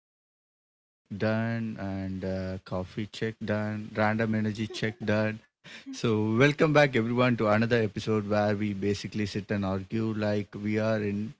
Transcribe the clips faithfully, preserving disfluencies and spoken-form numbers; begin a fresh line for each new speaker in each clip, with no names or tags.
okay. Mic check done and uh, coffee check done, random energy check done. So, welcome back everyone to another episode where we basically sit and argue like we are in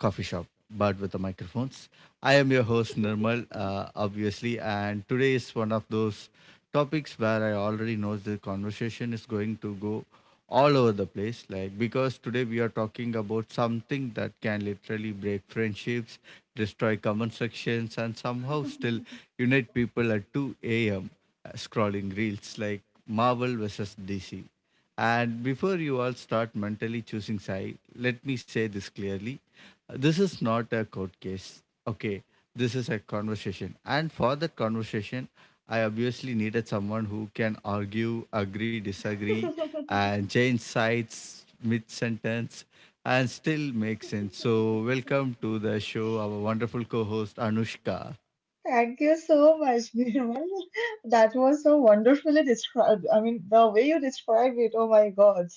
coffee shop but with the microphones. I am your host Nirmal, uh, obviously, and today is one of those topics where I already know the conversation is going to go all over the place, like because today we are talking about something that can literally break friendships, destroy common sections, and somehow still unite people at two a.m. uh, scrolling reels like Marvel versus DC. And before you all start mentally choosing side, let me say this clearly. Uh, this is not a court case, okay, this is a conversation. And for that conversation, I obviously needed someone who can argue, agree, disagree, and change sides mid sentence and still make sense. So, welcome to the show, our wonderful co host, Anushka.
Thank you so much, Nirmal. That was so wonderfully described. I mean, the way you described it, oh my God.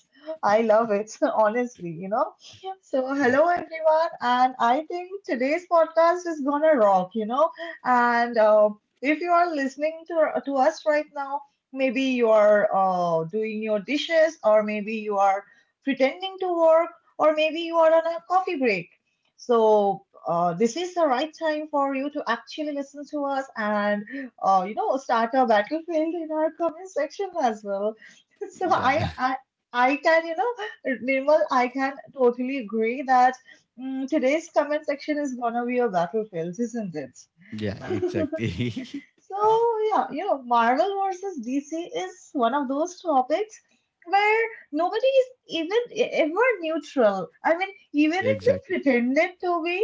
I love it, honestly, you know. So,
Yeah.
hello everyone, and I think today's podcast is gonna rock, you know. And uh, if you are listening to, to us right now, maybe you are uh, doing your dishes, or maybe you are pretending to work, or maybe you are on a coffee break. So, uh, this is the right time for you to actually listen to us and uh, you know start a battlefield in our comment section as well. So
Yeah,
I I I can you know Nirmal, I can totally agree that mm, today's comment section is gonna be a battlefield, isn't it?
yeah, exactly.
So, yeah, you know, Marvel versus D C is one of those topics where nobody is even e- ever neutral. I mean,
Exactly.
even if they pretended to be,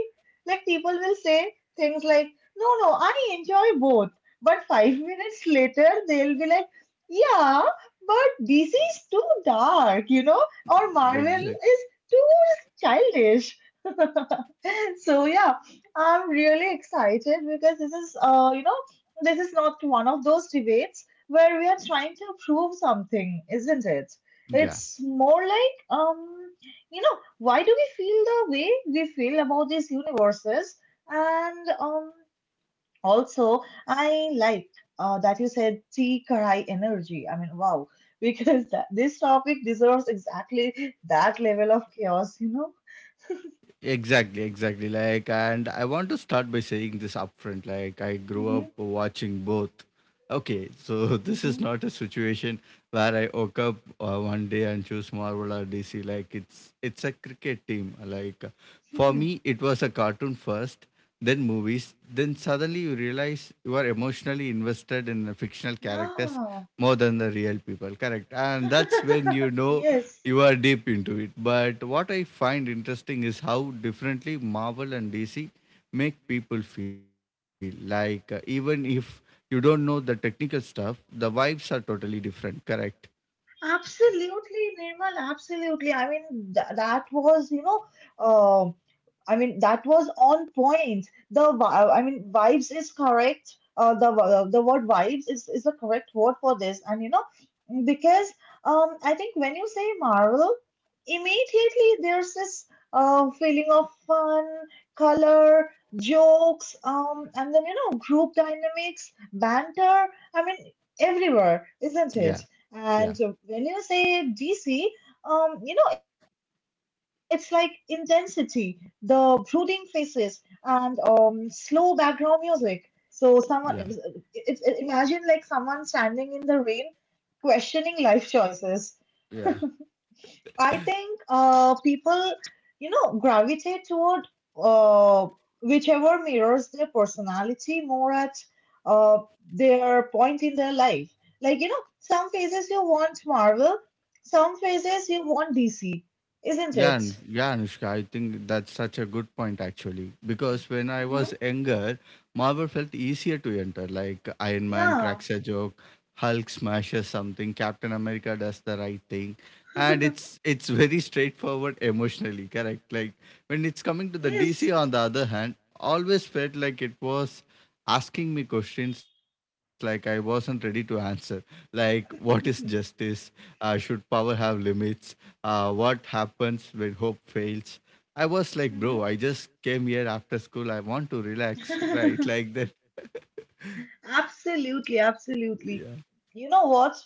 like, people will say things like, no, no, I enjoy both. But five minutes later, they'll be like, yeah, but D C is too dark, you know, or Marvel
Exactly.
is too childish. So yeah, I'm really excited because this is uh you know this is not one of those debates where we are trying to prove something, isn't it?
Yeah.
It's more like um you know why do we feel the way we feel about these universes and um also I like uh that you said tea karai energy. I mean, wow. Because that, this topic deserves exactly that level of chaos, you know.
Exactly, exactly. Like, and I want to start by saying this upfront. Like, I grew up
Hmm.
watching both. Okay, so this is not a situation where I woke up uh, one day and choose Marvel or D C. Like, it's it's a cricket team. Like, for
Hmm.
me, it was a cartoon first, then movies, then suddenly you realize you are emotionally invested in the fictional characters
Yeah.
more than the real people. Correct. And that's when you know
Yes,
you are deep into it. But what I find interesting is how differently Marvel and D C make people feel. Like, uh, even if you don't know the technical stuff, the vibes are totally different. Correct.
absolutely, Nirmal, absolutely. I mean, th that was, you know, uh, I mean, that was on point. The vi- I mean, vibes is correct. Uh, the uh, the word vibes is is the correct word for this, and you know, because um, I think when you say Marvel, immediately there's this uh feeling of fun, color, jokes, um, and then you know, group dynamics, banter. I mean, everywhere, isn't it?
Yeah. Yeah.
And when you say D C, um, you know, it's like intensity, the brooding faces and um, slow background music. So someone,
Yeah.
it's it, imagine like someone standing in the rain, questioning life choices.
Yeah.
I think uh, people, you know, gravitate toward uh, whichever mirrors their personality more at uh, their point in their life. Like you know, some phases you want Marvel, some phases you want D C, isn't
Yeah,
it?
An- yeah, Anushka, I think that's such a good point actually. Because when I
Hmm.
was younger, Marvel felt easier to enter. Like Iron Man
Yeah.
cracks a joke, Hulk smashes something, Captain America does the right thing, and it's it's very straightforward emotionally. Correct. Like when it's coming to the
Yes.
D C, on the other hand, always felt like it was asking me questions like I wasn't ready to answer, like what is justice? Uh, should power have limits? Uh, what happens when hope fails? I was like, bro, I
Mhm.
just came here after school. I want to relax, right? Like that.
Absolutely, absolutely.
Yeah.
You know what?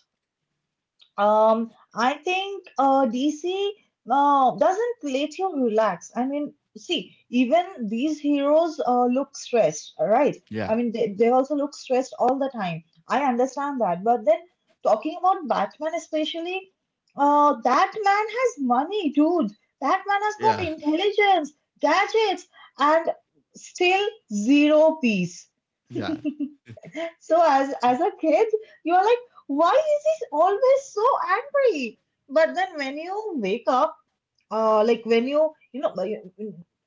Um, I think uh, D C uh, doesn't let you relax. I mean, see, even these heroes uh, look stressed, right?
Yeah.
I mean, they, they also look stressed all the time. I understand that. But then, talking about Batman especially, uh, that man has money, dude. That man has
Yeah.
got intelligence, gadgets, and still zero peace.
Yeah.
So as as a kid, you are like, why is he always so angry? But then when you wake up, uh, like when you you know, like,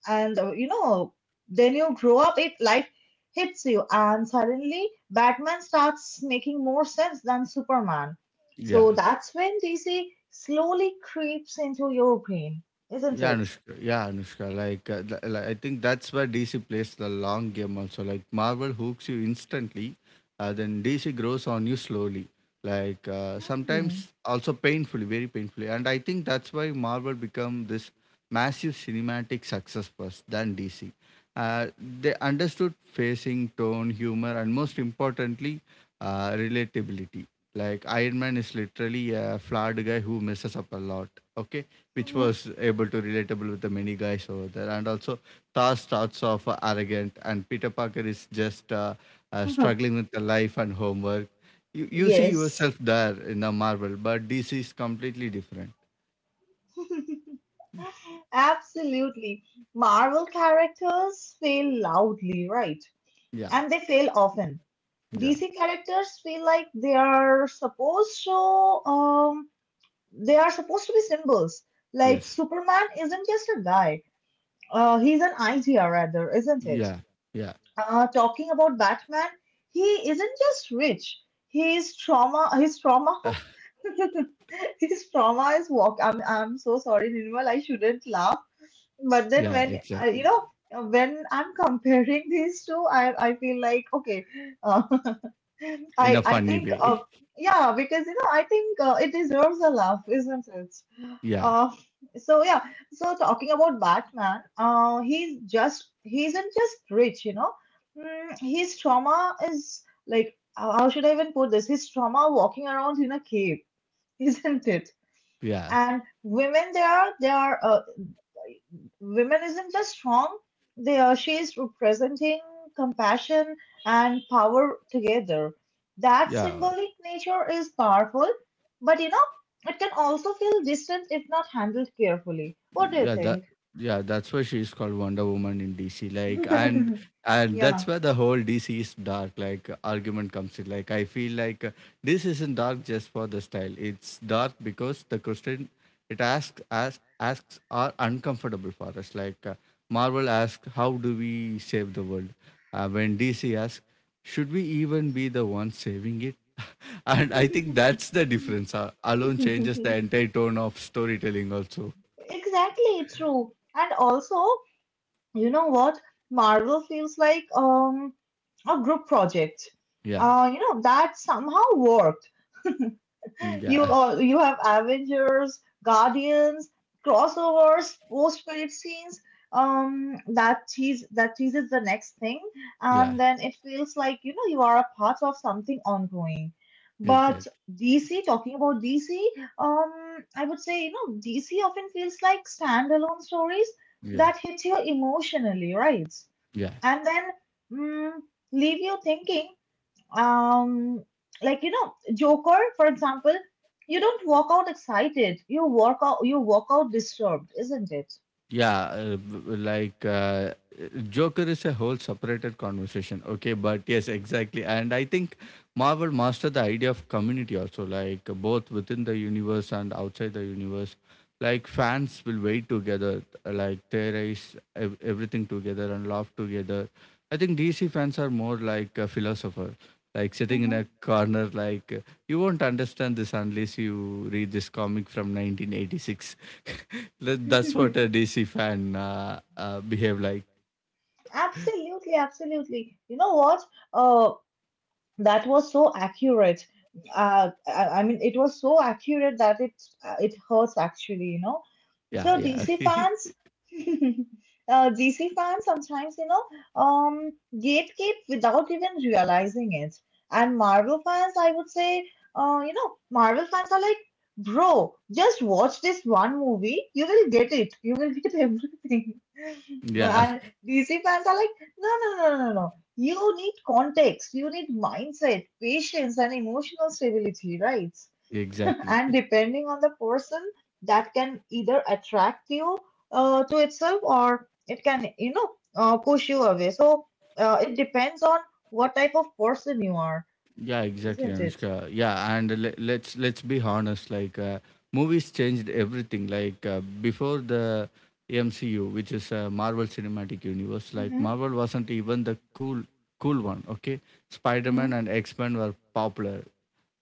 and uh, you know, then you grow up, it life hits you, and suddenly Batman starts making more sense than Superman.
Yeah.
So that's when D C slowly creeps into your brain, isn't
Yeah,
it?
Anushka. Yeah, Anushka. Like, uh, th- like, I think that's where D C plays the long game also. Like, Marvel hooks you instantly, uh, then D C grows on you slowly. Like, uh,
Hmm.
sometimes also painfully, very painfully. And I think that's why Marvel become this massive cinematic success first than D C. Uh, they understood facing, tone, humor, and most importantly, uh, relatability. Like, Iron Man is literally a flawed guy who messes up a lot. Okay, which was able to relatable with the many guys over there, and also Thor starts off arrogant, and Peter Parker is just uh, uh,
Mhm.
struggling with the life and homework. You you see
Yes.
yourself there in the Marvel, but D C is completely different.
Absolutely. Marvel characters fail loudly, right?
Yeah,
And they fail often.
yeah,
D C characters feel like they are supposed to um they are supposed to be symbols. Like
yes,
Superman isn't just a guy. Uh, he's an idea rather, isn't it?
yeah, yeah,
Uh, talking about Batman, he isn't just rich. His trauma. His trauma. His trauma is walk. I'm I'm so sorry, Nirmal. I shouldn't laugh, but then
yeah,
when uh,
exactly.
you know uh, when I'm comparing these two, I I feel like okay, uh,
In a
I I
funny
think uh,
way.
yeah, because you know I think uh, it deserves a laugh, isn't it?
Yeah,
Uh, so yeah, so talking about Batman, uh, he's just he isn't just rich, you know. Mm, his trauma is like, how how should I even put this? His trauma walking around in a cave, isn't it?
yeah,
And women there, they are uh, women isn't just strong, they are she is representing compassion and power together. That
yeah.
symbolic nature is powerful, but you know, it can also feel distant if not handled carefully. What do
Yeah, that
you
yeah that's why she is called Wonder Woman in DC, like. and
think?
and that's
Yeah.
where the whole "DC is dark" like argument comes in. Like, I feel like uh, this isn't dark just for the style; it's dark because the question it asks asks asks are uncomfortable for us. Like, uh, Marvel asks how do we save the world, uh, when DC asks should we even be the ones saving it. And I think that's the difference, uh, alone changes the entire tone of storytelling also.
Exactly, true. And also, you know what, Marvel feels like um a group project
Yeah.
uh you know that somehow worked. You
Yeah,
all, you have Avengers, Guardians, crossovers, post credit scenes. Um, that tease that teases the next thing,
yeah,
and then it feels like you know you are a part of something ongoing. But
exactly.
D C, talking about D C, um, I would say you know D C often feels like standalone stories
Yeah,
that hit you emotionally, right?
yeah.
And then mm, leave you thinking um like you know, Joker for example, you don't walk out excited, you walk out you walk out disturbed, isn't it?
Yeah, uh, b- like uh, Joker is a whole separated conversation. Okay, but yes, exactly. And I think Marvel mastered the idea of community also, like both within the universe and outside the universe. Like fans will wait together, like theorize ev- everything together and laugh together. I think D C fans are more like a philosopher, like sitting in
Mhm.
a corner, like you won't understand this unless you read this comic from nineteen eighty-six. That- That's what a D C fan uh, uh, behave like.
Absolutely, absolutely. You know what? Uh, that was so accurate. Uh, I, I mean, it was so accurate that it uh, it hurts actually. You know,
Yeah, yeah,
so D C
okay.
fans, uh, D C fans sometimes, you know, um, gatekeep without even realizing it. And Marvel fans, I would say, uh, you know, Marvel fans are like, bro, just watch this one movie, you will get it, you will get everything.
Yeah,
And D C fans are like, no, no, no, no, no, no. You need context, you need mindset, patience, and emotional stability, right?
exactly.
And depending on the person, that can either attract you uh, to itself, or it can you know uh, push you away. So uh, it depends on what type of person you are,
Yeah, exactly,
isn't it?
Anushka. Yeah, and le- let's let's be honest. Like, uh, movies changed everything. Like uh, before the M C U, which is uh, Marvel Cinematic Universe. Like
Mm-hmm.
Marvel wasn't even the cool cool one. Okay, Spider Man
Mm-hmm.
and X Men were popular,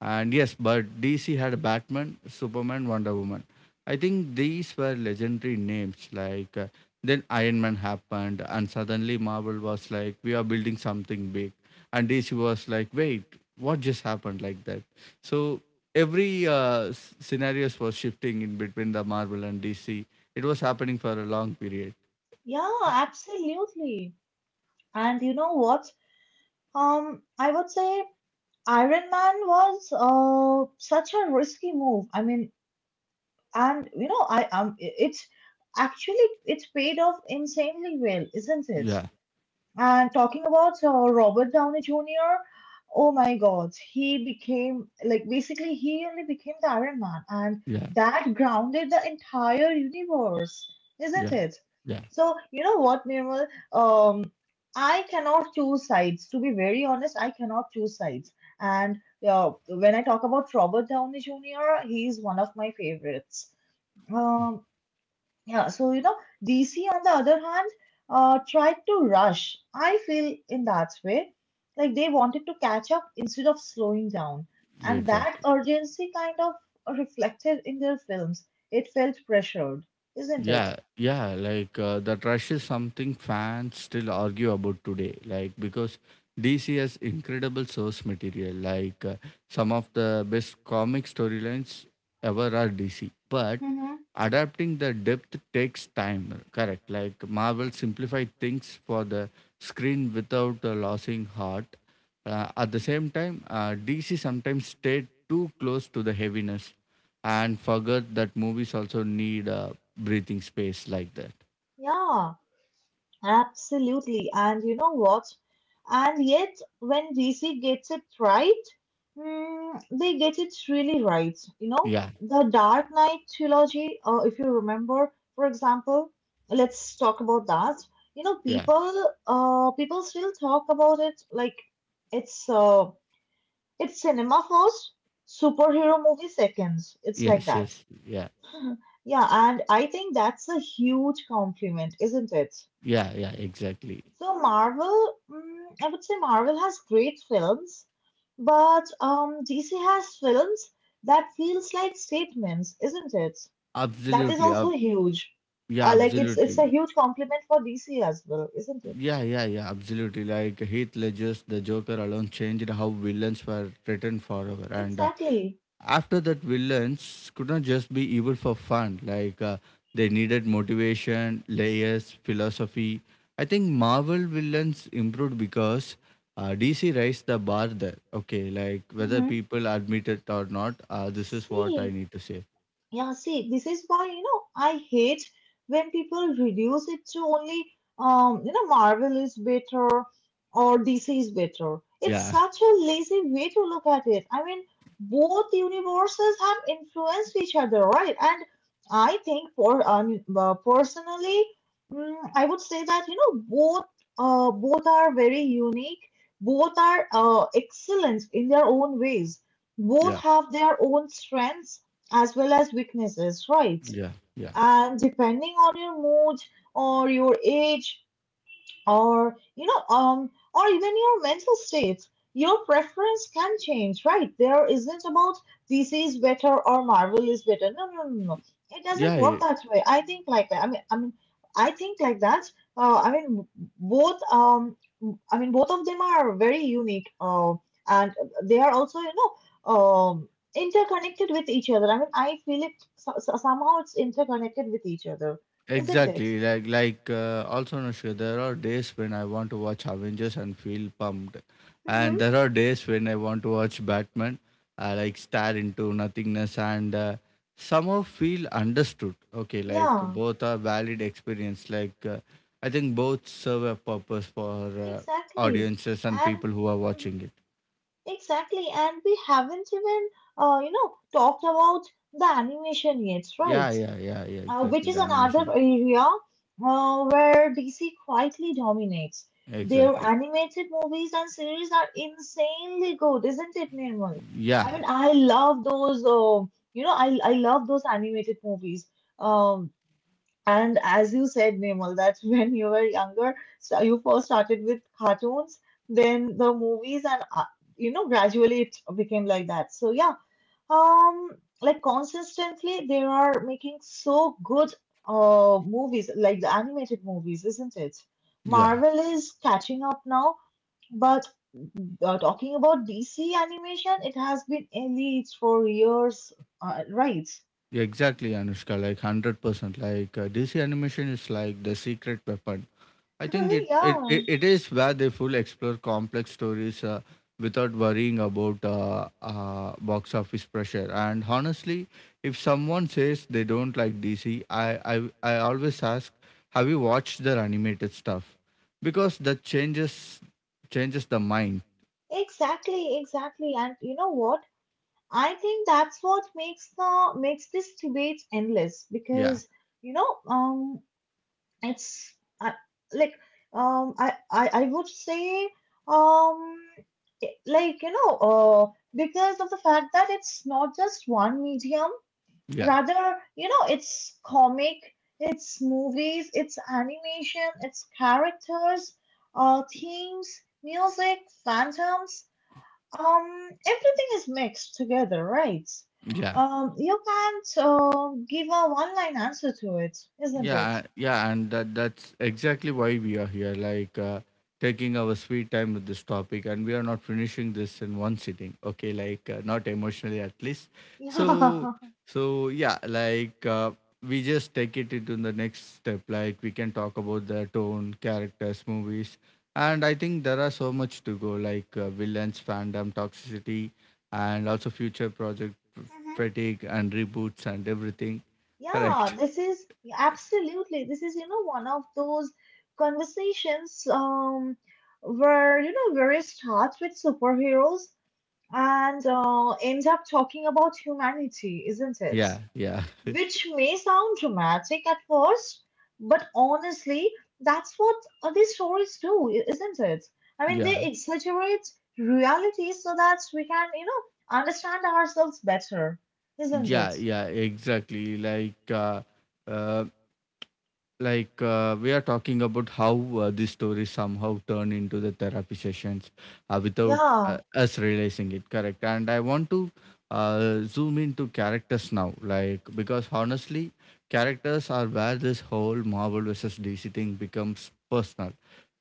and yes, but D C had Batman, Superman, Wonder Woman. I think these were legendary names. Like uh, then Iron Man happened, and suddenly Marvel was like, we are building something big, and D C was like, wait, what just happened, like that. So every uh, s- scenarios was shifting in between the Marvel and DC. It was happening for a long period.
Yeah, absolutely. And you know what, um I would say Iron Man was uh, such a risky move. I mean, and you know I um it's actually, it's paid off insanely well, isn't it?
Yeah,
And talking about uh, Robert Downey Junior, oh my God, he became like basically he only became the Iron Man, and
yeah,
that grounded the entire universe, isn't
yeah,
it?
yeah,
So you know what, Nirmal? Um, I cannot choose sides. To be very honest, I cannot choose sides. And uh, when I talk about Robert Downey Junior, he is one of my favorites. Um, yeah, so you know, D C on the other hand, uh, tried to rush. I feel in that way, like they wanted to catch up instead of slowing down,
yeah,
and that
exactly.
urgency kind of reflected in their films. It felt pressured, isn't it?
Yeah, yeah, like uh, that rush is something fans still argue about today. Like because D C has incredible source material. Like uh, some of the best comic storylines ever are D C, but
Mm-hmm.
adapting the depth takes time. Correct. Like Marvel simplified things for the screen without uh, losing heart. Uh, at the same time, uh, D C sometimes stayed too close to the heaviness and forgot that movies also need uh, breathing space like that.
Yeah. Absolutely. And you know what? And yet, when D C gets it right, mm, they get it really right. You know,
Yeah,
the Dark Knight trilogy, uh, if you remember, for example, let's talk about that. You know,
yeah,
people, uh, people still talk about it like it's, uh, it's cinema first, superhero movie second. It's like
yes,
that.
yes, yeah,
Yeah, and I think that's a huge compliment, isn't it?
yeah, yeah, exactly.
So Marvel, mm, I would say Marvel has great films, but um, D C has films that feels like statements, isn't it? That is
Absolutely.
also
Ab-
huge.
yeah,
Uh, like it's it's a
absolutely.
huge compliment for D C as well, isn't it?
Yeah, yeah, yeah, absolutely. Like Heath Ledger's The Joker alone changed how villains were written forever. And uh,
Exactly.
after that villains could not just be evil for fun. Like uh, they needed motivation, layers, philosophy. I think Marvel villains improved because uh, DC raised the bar there. Okay, like whether
Mm-hmm.
people admit it or not, uh, this is what I
See,
need to say.
yeah, see, this is why, you know, I hate when people reduce it to only, um, you know, Marvel is better or D C is better. It's
Yeah,
such a lazy way to look at it. I mean, both universes have influenced each other, right? And I think, for um, uh, personally, mm, I would say that, you know, both uh, both are very unique. Both are uh, excellent in their own ways. Both
yeah,
have their own strengths as well as weaknesses, right?
yeah, yeah,
And depending on your mood or your age, or you know um or even your mental states, your preference can change, right? there isn't about, this is better or Marvel is better. No, no, no, no, it doesn't work
yeah.
that way. I think like that. i mean i mean I think like that. uh, i mean both, um i mean both of them are very unique, uh, and they are also, you know, um interconnected with each other. I mean, I feel it, so, so somehow it's interconnected with each other, isn't it?
Exactly. Like, like uh, also Anushka, there are days when I want to watch Avengers and feel pumped. And
Mm-hmm.
there are days when I want to watch Batman. I like stare into nothingness and uh, somehow feel understood. Okay, like
Yeah.
both are valid experience. Like uh, I think both serve a purpose for uh,
Exactly.
audiences and
And
people who are
mhm,
watching it.
exactly, and we haven't even uh, you know talked about the animation yet, right?
Yeah, yeah, yeah, yeah.
Uh, which
Exactly.
is
The
another
animation.
area uh, where D C quietly dominates. Their
Exactly.
animated movies and series are insanely good, isn't it, Nirmal? I
Yeah,
mean, I love those. Uh, you know, I I love those animated movies. Um, and as you said, Nirmal, that when you were younger, so you first started with cartoons, then the movies, and uh, you know, gradually it became like that. So yeah, um, like consistently they are making so good uh movies, like the animated movies, isn't it?
yeah.
Marvel is catching up now, but uh, talking about D C animation, it has been elite for years, uh, right?
Yeah, exactly, Anushka, like one hundred percent. Like uh, D C animation is like the secret weapon. I think it, it,
Yeah.
it, it is where they full explore complex stories uh, without worrying about uh, uh, box office pressure. And honestly, if someone says they don't like D C, I, I, I always ask, have you watched their animated stuff? Because that changes changes the mind.
Exactly, exactly. And you know what? I think that's what makes the makes this debate endless
Yeah,
because you know, um, it's I, like um, I, I I would say um, it- like you know, uh, because of the fact that it's not just one medium.
yeah,
Rather, you know, it's comic, it's movies, it's animation, it's characters, uh, themes, music, phantoms um, everything is mixed together, right?
yeah.
Um, you can't uh, give a one-line answer to it, isn't it?
Yeah, yeah, and that that's exactly why we are here, like uh, taking our sweet time with this topic, and we are not finishing this in one sitting. Okay, like uh, not emotionally at least.
Yeah.
So,
Mhm.
so yeah, like uh, we just take it into the next step. Like we can talk about the tone, characters, movies, and I think there are so much to go, like uh, villains, fandom, toxicity, and also future project fatigue and reboots and everything.
Yeah,
Correct.
this is absolutely, this is, you know, one of those conversations um where, you know, where it starts with superheroes and uh, ends up talking about humanity, isn't it?
Yeah, yeah.
Which may sound dramatic at first, but honestly, that's what uh, these stories do, i- isn't it? I mean, they
Yeah,
exaggerate reality so that we can, you know, understand ourselves better, isn't
yeah,
it?
yeah, exactly. Like, uh, uh, like uh, we are talking about how uh, these stories somehow turn into the therapy sessions uh, without
Yeah.
uh, us realizing it. Correct. And I want to uh, zoom into characters now, like because honestly characters are where this whole Marvel versus DC thing becomes personal.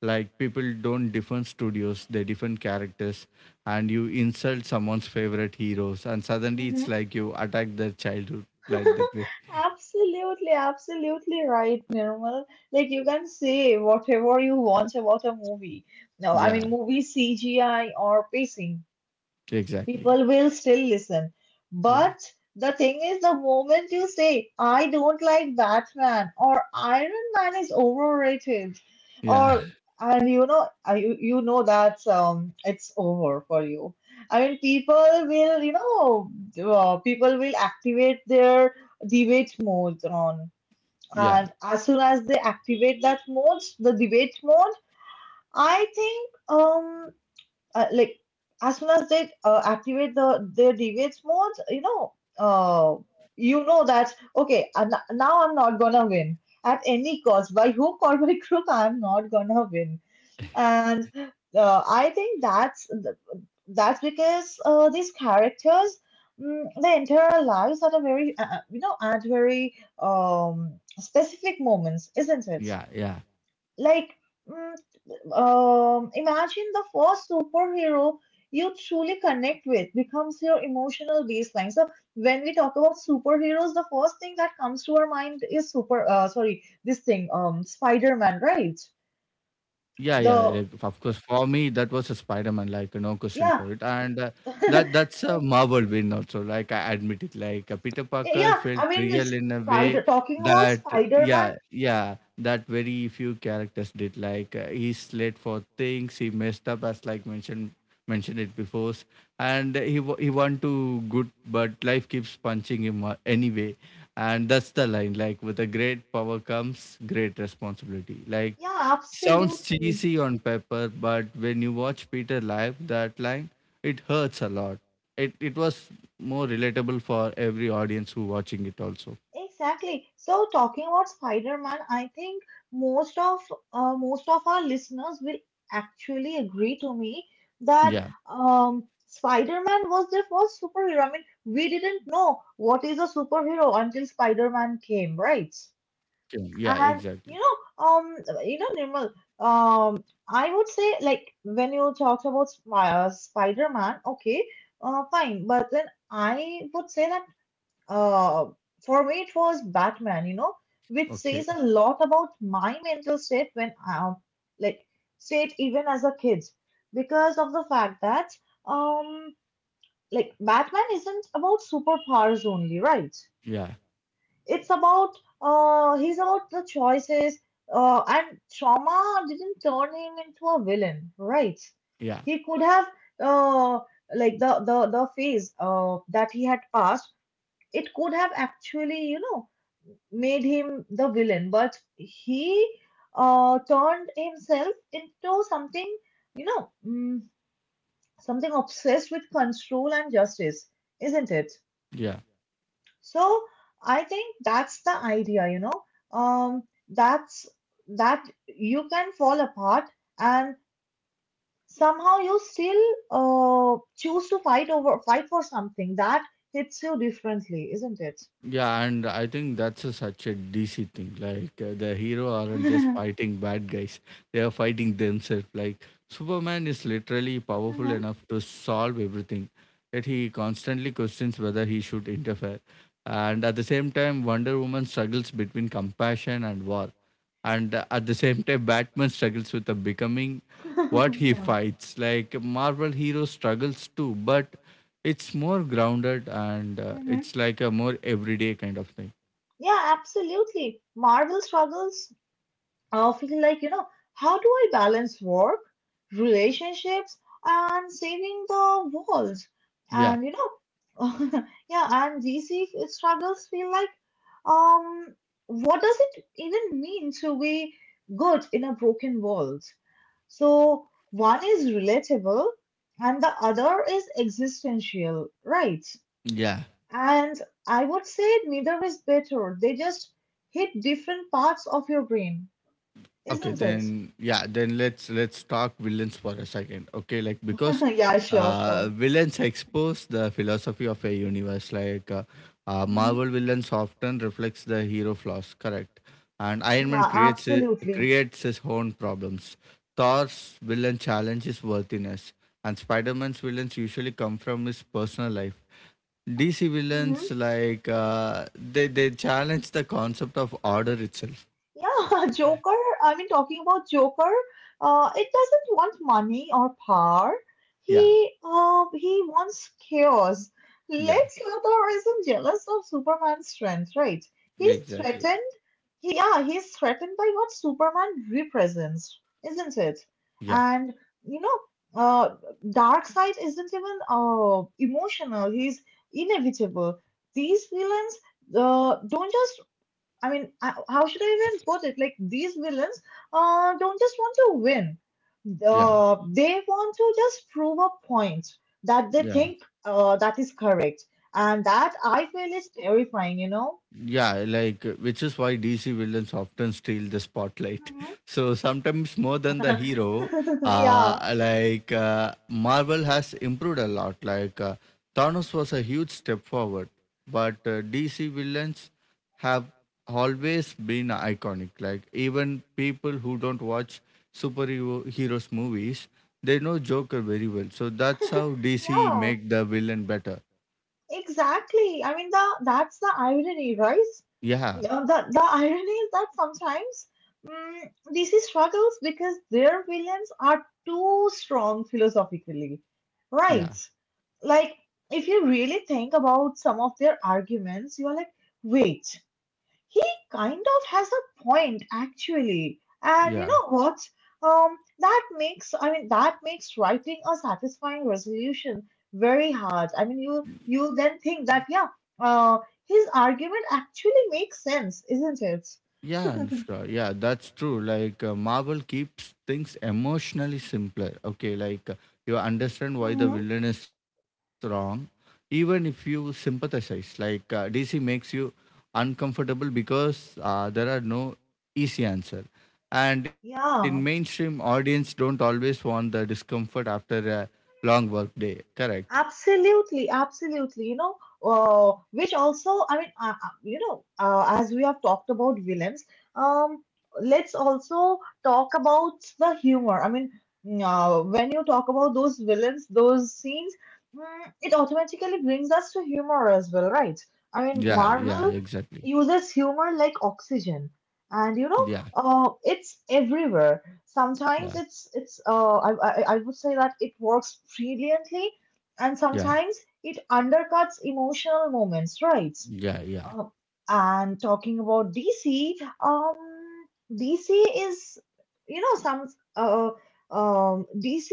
Like, people don't defend studios, they defend characters. And you insult someone's favorite heroes and suddenly it's
Hmm.
like you attack their childhood, like that way.
Absolutely, absolutely right, Nirmal. Like you can say whatever you want about a movie. No, I
Yeah,
mean movie C G I or pacing.
exactly.
People will still listen.
Yeah,
But the thing is, the moment you say, I don't like Batman or Iron Man is overrated,
yeah.
or and you know, I- you, you know that um, it's over for you. I mean, people will, you know, uh, people will activate their debate mode on.
Yeah,
And as soon as they activate that mode, the debate mode, I think um uh, like as soon as they uh, activate the their deviates modes, you know, uh, you know that okay, and now I'm not gonna win at any cost. By hook or by crook, I'm not gonna win. And uh, I think that's th- that's because uh, these characters. Mm, they enter our lives at a very, uh, uh, you know, at very um, specific moments, isn't it?
yeah, yeah,
Like, mm, um, imagine the first superhero you truly connect with becomes your emotional baseline. So when we talk about superheroes, the first thing that comes to our mind is super. Uh, sorry, this thing, um, Spider-Man, right?
yeah, yeah. Like f- of
The
course, for me that was a Spider-Man, like no question for it,
Yeah.
and uh, that
Yeah.
that's a Marvel win also. Like I admit it, like uh, Peter Parker felt
I mean, the
real in a way
spider. Talking about
that
Spider-Man,
yeah, yeah, that very few characters did. Like uh, he's late for things, he messed up, as like mentioned mentioned it before, and he wa- he want to good, but life keeps punching him uh, anyway. And that's the line, like with a great power comes great responsibility. Like
yeah,
sounds
absolutely.
cheesy on paper, but when you watch Peter live that line, it hurts a lot. it it was more relatable for every audience who watching it also.
Exactly. So talking about Spider-Man, I think most of uh, most of our listeners will actually agree to me that
Yeah,
um, Spider-Man was their first superhero. I mean, we didn't know what is a superhero until Spider-Man came, right?
yeah, exactly,
And you know, um, you know, Nirmal, um, I would say like when you talked about Sp- uh, Spider-Man, okay, uh, fine, but then I would say that uh, for me, it was Batman, you know, which
okay,
says a lot about my mental state when I, like, state even as a kid, because of the fact that, um, like, Batman isn't about superpowers only, right?
yeah,
It's about, uh, he's about the choices, uh, and trauma didn't turn him into a villain, right?
yeah,
He could have, uh, like, the, the, the phase, uh, that he had passed, it could have actually, you know, made him the villain, but he uh, turned himself into something, you know, mm, something obsessed with control and justice, isn't it?
yeah.
So I think that's the idea, you know, um, that's that you can fall apart and somehow you still uh, choose to fight over fight for something that hits you differently, isn't it?
Yeah, and I think that's a, such a D C thing. Like uh, the hero aren't just fighting bad guys; they are fighting themselves. Like Superman is literally powerful
Mhm.
enough to solve everything, yet he constantly questions whether he should interfere. And at the same time, Wonder Woman struggles between compassion and war, and uh, at the same time, Batman struggles with the becoming what he fights. Like Marvel hero struggles too, but it's more grounded and uh,
Yeah.
it's like a more everyday kind of thing.
Yeah, absolutely. Marvel struggles uh, feel like, you know, how do I balance work, relationships, and saving the world?
Yeah,
And, you know, yeah, and D C struggles feel like, um, what does it even mean to be good in a broken world? So one is relatable and the other is existential, right?
yeah.
And I would say neither is better. They just hit different parts of your brain,
Okay,
isn't it?
then yeah, then let's let's talk villains for a second. Okay, like because
Yeah, sure, sure.
uh, villains expose the philosophy of a universe. Like uh, uh,
Mhm.
Marvel villains often reflects the hero flaws, correct? And Iron Man
Yeah,
creates i-
absolutely.
creates his own problems. Thor's villain challenges worthiness, and Spider Man's villains usually come from his personal life. D C villains
Mhm.
like uh, they they challenge the concept of order itself.
Yeah, Joker. I mean, talking about Joker, uh, it doesn't want money or power.
Yeah,
He, uh, he wants chaos.
yeah,
Lex Luthor isn't jealous of Superman's strength, right?
yeah,
He's
exactly.
threatened. He, yeah, he's threatened by what Superman represents, isn't it?
Yeah,
And you know, uh, Darkseid isn't even uh emotional. He's inevitable. These villains uh, don't just I mean, I- how should I even put it? Like these villains uh, don't just want to win.
yeah,
Uh, they want to just prove a point that they
yeah,
think uh, that is correct, and that I feel is terrifying. You know?
yeah. Like, uh, which is why D C villains often steal the spotlight. So sometimes more than the hero.
Yeah.
Uh, like uh, Marvel has improved a lot. Like uh, Thanos was a huge step forward, but uh, D C villains have always been iconic. Like even people who don't watch superhero heroes movies, they know Joker very well. So that's how D C
Yeah.
make the villain better.
Exactly. I mean, the that's the irony, right?
Yeah,
Uh, The the irony is that sometimes mm D C struggles because their villains are too strong philosophically,
yeah.
right? Like, if you really think about some of their arguments, you're like, wait, he kind of has a point actually. And you
Yeah,
know what? Um, that makes I mean that makes writing a satisfying resolution very hard. I mean you you then think that yeah, uh, his argument actually makes sense, isn't it?
Yeah, Anushka. Yeah, that's true. Like uh, Marvel keeps things emotionally simpler. Okay, like uh, you understand why the
Hmm.
villain is wrong, even if you sympathize. Like uh, D C makes you uncomfortable because uh, there are no easy answer, and
Yeah.
in mainstream audience don't always want the discomfort after a long work day. Correct.
Absolutely, absolutely. You know, uh, which also, I mean, uh, uh, you know, uh, as we have talked about villains, um, let's also talk about the humor. I mean, mm, uh, when you talk about those villains, those scenes, mm, it automatically brings us to humor as well, right? I mean,
Yeah. Yeah.
Marvel
Exactly.
uses humor like oxygen and you know
Yeah.
uh, it's everywhere, sometimes it's
Yeah.
it's uh, I, I I would say that it works brilliantly and sometimes
Yeah.
it undercuts emotional moments, right?
Yeah.
uh,
Yeah.
and talking about DC, um dc is you know some uh, um DC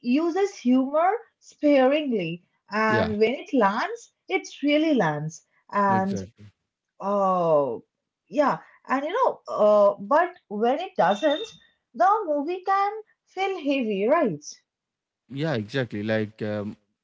uses humor sparingly, and when
Yeah.
it lands it really lands. And
Exactly.
oh, yeah. And you know, uh, but when it doesn't, the movie can feel heavy, right?
Yeah, exactly. Like um,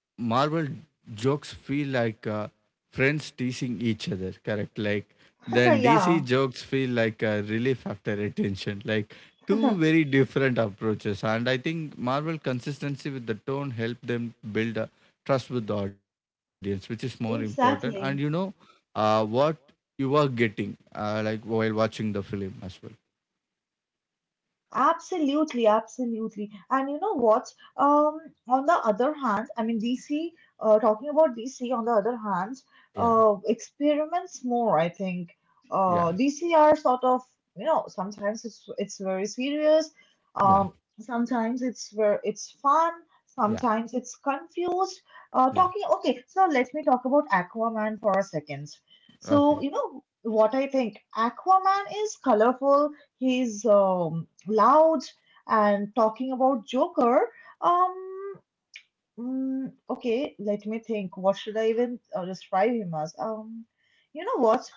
Marvel jokes feel like uh, friends teasing each other, correct? Like then D C
Yeah.
jokes feel like a relief after attention. Like two very different approaches, and I think Marvel consistency with the tone helped them build a trust with the audience, which is more important. And you know
Exactly.
uh, what you are getting, uh, like while watching the film as well.
Absolutely, absolutely. And you know what? Um, on the other hand, I mean, D C, uh, talking about D C, on the other hand,
Yeah,
uh, experiments more, I think.
yeah,
Uh, D C are sort of, you know, sometimes it's it's very serious,
yeah,
um, sometimes it's very it's fun,
yeah,
sometimes it's confused. Uh,
yeah.
talking, okay, so let me talk about Aquaman for a second. So,
Okay.
you know, what I think, Aquaman is colorful, he's um, loud, and talking about Joker. Um, mm, okay, let me think. What should I even uh, describe him as? Um, you know what?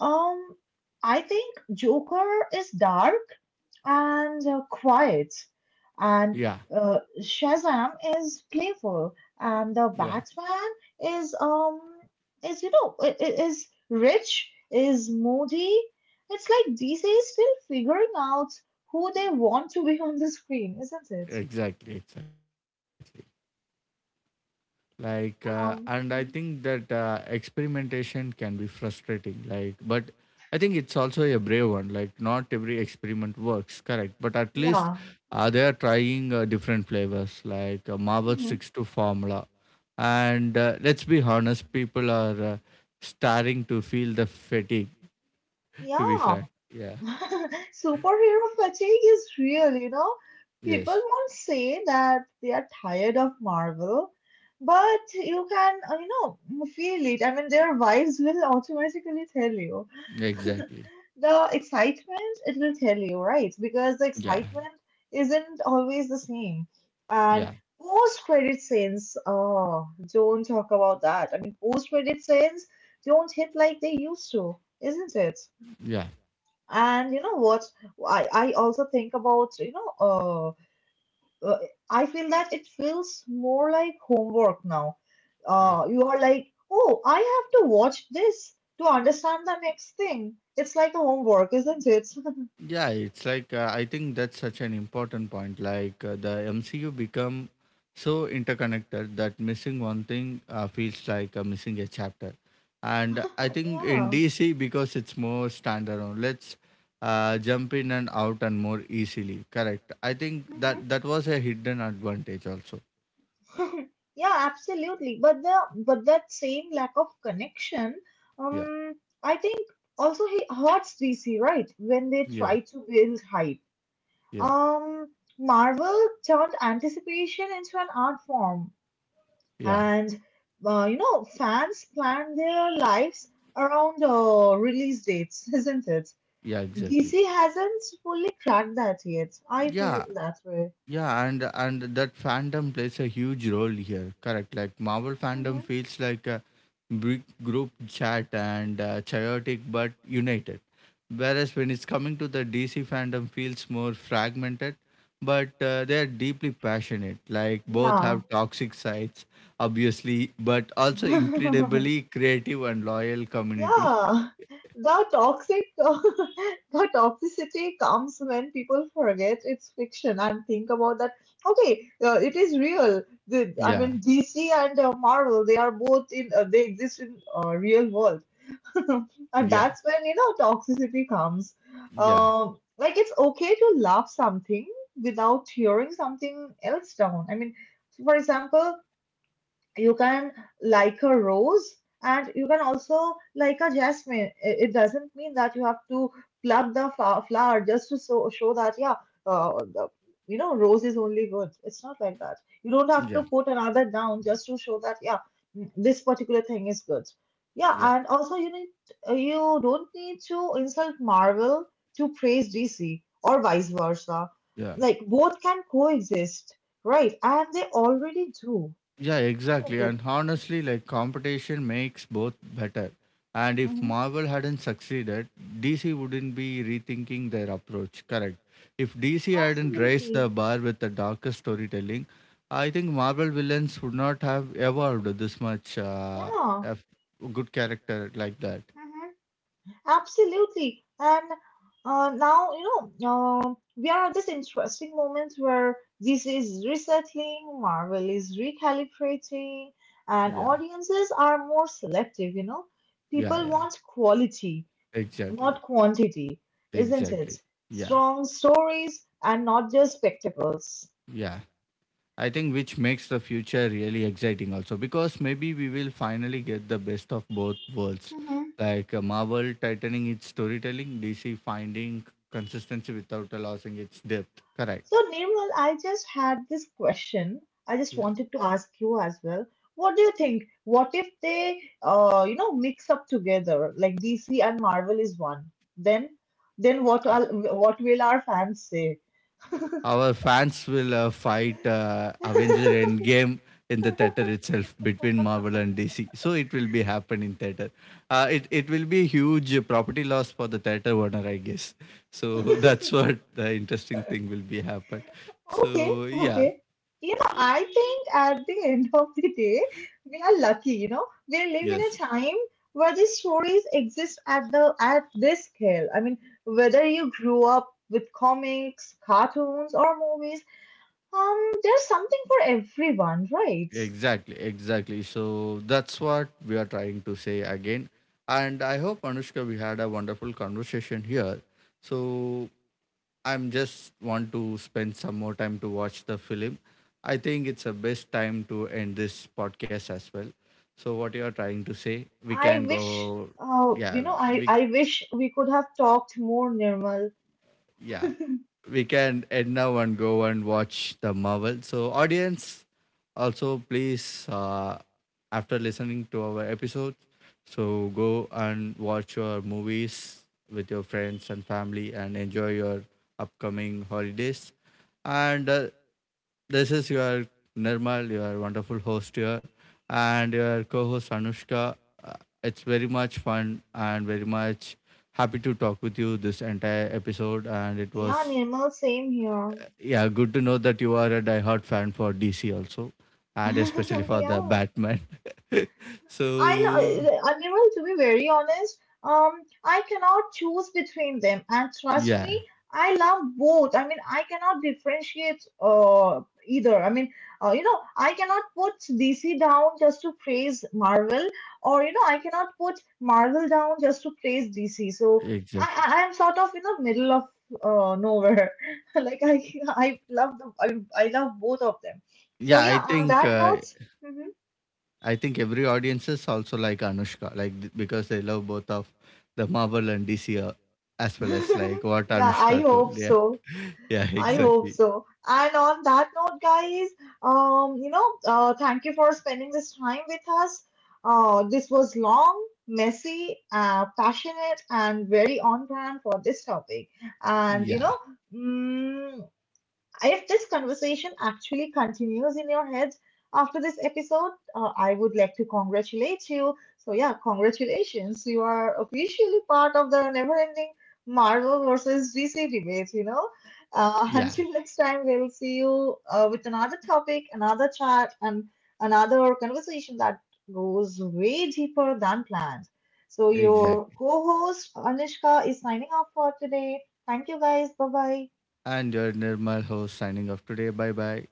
Um, I think Joker is dark and uh, quiet.
Yeah,
And uh, Shazam is playful, and the
yeah.
Batman is um is you know i- i- is rich, is moody. It's like D C is still figuring out who they want to be on the screen, isn't it?
Exactly, exactly. Like, uh, and I
Um,
think that uh, experimentation can be frustrating. Like, but I think it's also a brave one. Like, not every experiment works, correct? But at least
yeah,
uh, they are trying uh, different flavors. Like, uh, Marvel
hmm,
sticks to formula, and uh, let's be honest, people are uh, starting to feel the fatigue. To be
yeah.
frank, yeah,
Superhero fatigue is real, you know. People
yes,
won't say that they are tired of Marvel, but you can, uh, you know, feel it. I mean, their vibes will automatically tell you.
exactly,
The excitement, it will tell you, right? Because the
yeah,
excitement isn't always the same. And
yeah,
post-credit scenes, oh, don't talk about that. I mean, post-credit scenes don't hit like they used to, isn't it?
yeah.
And you know what? I, I also think about, you know, uh, uh, I feel that it feels more like homework now.
Yeah.
Uh, you are like, oh, I have to watch this to understand the next thing. It's like a homework, isn't it?
Yeah, it's like uh, I think that's such an important point. Like uh, the M C U become so interconnected that missing one thing uh, feels like uh, missing a chapter. And I think in
Yeah.
D C because it's more standalone, let's uh, jump in and out and more easily. Correct. I think that that was a hidden advantage also.
Mhm. Yeah, absolutely. But the but that same lack of connection,
Yeah.
um, I think also he hurts D C, right? When they
Yeah.
try to build hype.
Yeah.
Um, Marvel turned anticipation into an art form,
Yeah.
and uh, you know, fans plan their lives around uh, release dates, isn't it?
Yeah. Exactly.
D C hasn't fully cracked that yet. I feel
Yeah.
that way.
Yeah, and and that fandom plays a huge role here. Correct. Like Marvel fandom
Hmm.
feels like a big group chat and uh, chaotic but united. Whereas when it's coming to the D C fandom, feels more fragmented, but uh, they're deeply passionate. Like both
Yeah.
have toxic sides, obviously, but also incredibly creative and loyal community.
Yeah, the toxic, the toxicity comes when people forget it's fiction and think about that. Okay, uh, it is real. The, I
Yeah,
mean, D C and uh, Marvel, they are both in, uh, they exist in uh, real world, and
yeah,
that's where you know toxicity comes.
yeah,
Um, like it's okay to love something without tearing something else down. I mean, for example, you can like a rose and you can also like a jasmine. I- it doesn't mean that you have to pluck the fa- flower just to so, show that yeah, uh, the, you know, rose is only good, it's not like that. You don't have to
yeah,
put another down just to show that yeah, mm, this particular thing is good. Yeah,
yeah,
and also you need, you don't need to insult Marvel to praise DC or vice versa.
yeah.
Like both can coexist, right? And they already do.
Yeah, exactly. And honestly, like competition makes both better. And if Marvel hadn't succeeded, D C wouldn't be rethinking their approach. Correct. If D C hadn't raised
Absolutely.
the bar with the darker storytelling, I think Marvel villains would not have evolved this much. Uh,
Yeah.
a good character like that.
Hmm. Absolutely. And uh, now, you know, uh, we are at this interesting moment where this is resettling, Marvel is recalibrating,
Yeah,
and audiences are more selective, you know.
yeah,
People
yeah.
want quality,
Exactly,
not quantity, isn't it?
exactly. Yeah,
Strong stories and not just spectacles.
yeah. I think which makes the future really exciting also because maybe we will finally get the best of both worlds. Like uh, Marvel tightening its storytelling, D C finding consistency without losing its depth.
So,
Correct.
Nirmal, I just had this question. I just
Yeah.
wanted to ask you as well. What do you think? What if they, uh, you know, mix up together like D C and Marvel is one? Then, then what? All, what will our fans say?
Our fans will uh, fight uh, Avengers Endgame in the theater itself between Marvel and D C. So it will be happen in theater. Uh, it it will be huge property loss for the theater owner, I guess. So that's what the interesting thing will be happen.
Okay,
So yeah,
okay. You know, I think at the end of the day, we are lucky, you know. We live in a
yes,
time where these stories exist at the at this scale. I mean, whether you grew up with comics, cartoons, or movies, Um, there's something for everyone, right?
exactly, exactly. So that's what we are trying to say again. And I hope Anushka, we had a wonderful conversation here. So I'm just want to spend some more time to watch the film. I think it's the best time to end this podcast as well. So what you are trying to say, we
I
can
wish,
go,
uh,
yeah,
you know, I,
we
I wish we could have talked more, Nirmal.
yeah we can end now and go and watch the Marvel. So audience, also please uh, after listening to our episode, so go and watch your movies with your friends and family and enjoy your upcoming holidays. And uh, this is your Nirmal, your wonderful host here, and your co host Anushka. Uh, It's very much fun and very much happy to talk with you this entire episode. And it
Yeah,
was,
Nirmal, same here.
yeah, good to know that you are a diehard fan for D C also, and especially for the
Yeah.
Batman.
I
So,
know, uh, I mean, well, to be very honest, um, I cannot choose between them, and trust
yeah,
me, I love both. I mean, I cannot differentiate uh either. I mean, uh, you know, I cannot put D C down just to praise Marvel, or you know, I cannot put Marvel down just to praise D C. So I,
exactly.
I I am sort of in the middle of uh nowhere. like I, I love the, I, I love both of them. So
Yeah, I
yeah, on
think
that
uh,
note. Mm-hmm.
I think every audience is also like Anushka, like th- because they love both of the Marvel and D C uh, as well as like what
Yeah, I
Anushka told.
hope
Yeah,
so.
yeah,
I hope
exactly.
so. And on that note, guys, um, you know, uh, thank you for spending this time with us. Uh, this was long, messy, uh, passionate, and very on brand for this topic. And you
Yeah,
know, mm, if this conversation actually continues in your head after this episode, uh, I would like to congratulate you. So, yeah, congratulations. You are officially part of the never ending Marvel versus D C debate, you know. Uh,
yeah,
until next time, we'll see you uh, with another topic, another chat, and another conversation that goes way deeper than planned. So, your
exactly.
co host Anishka is signing off for today. Thank you guys. Bye bye.
And your Nirmal host signing off today. Bye bye.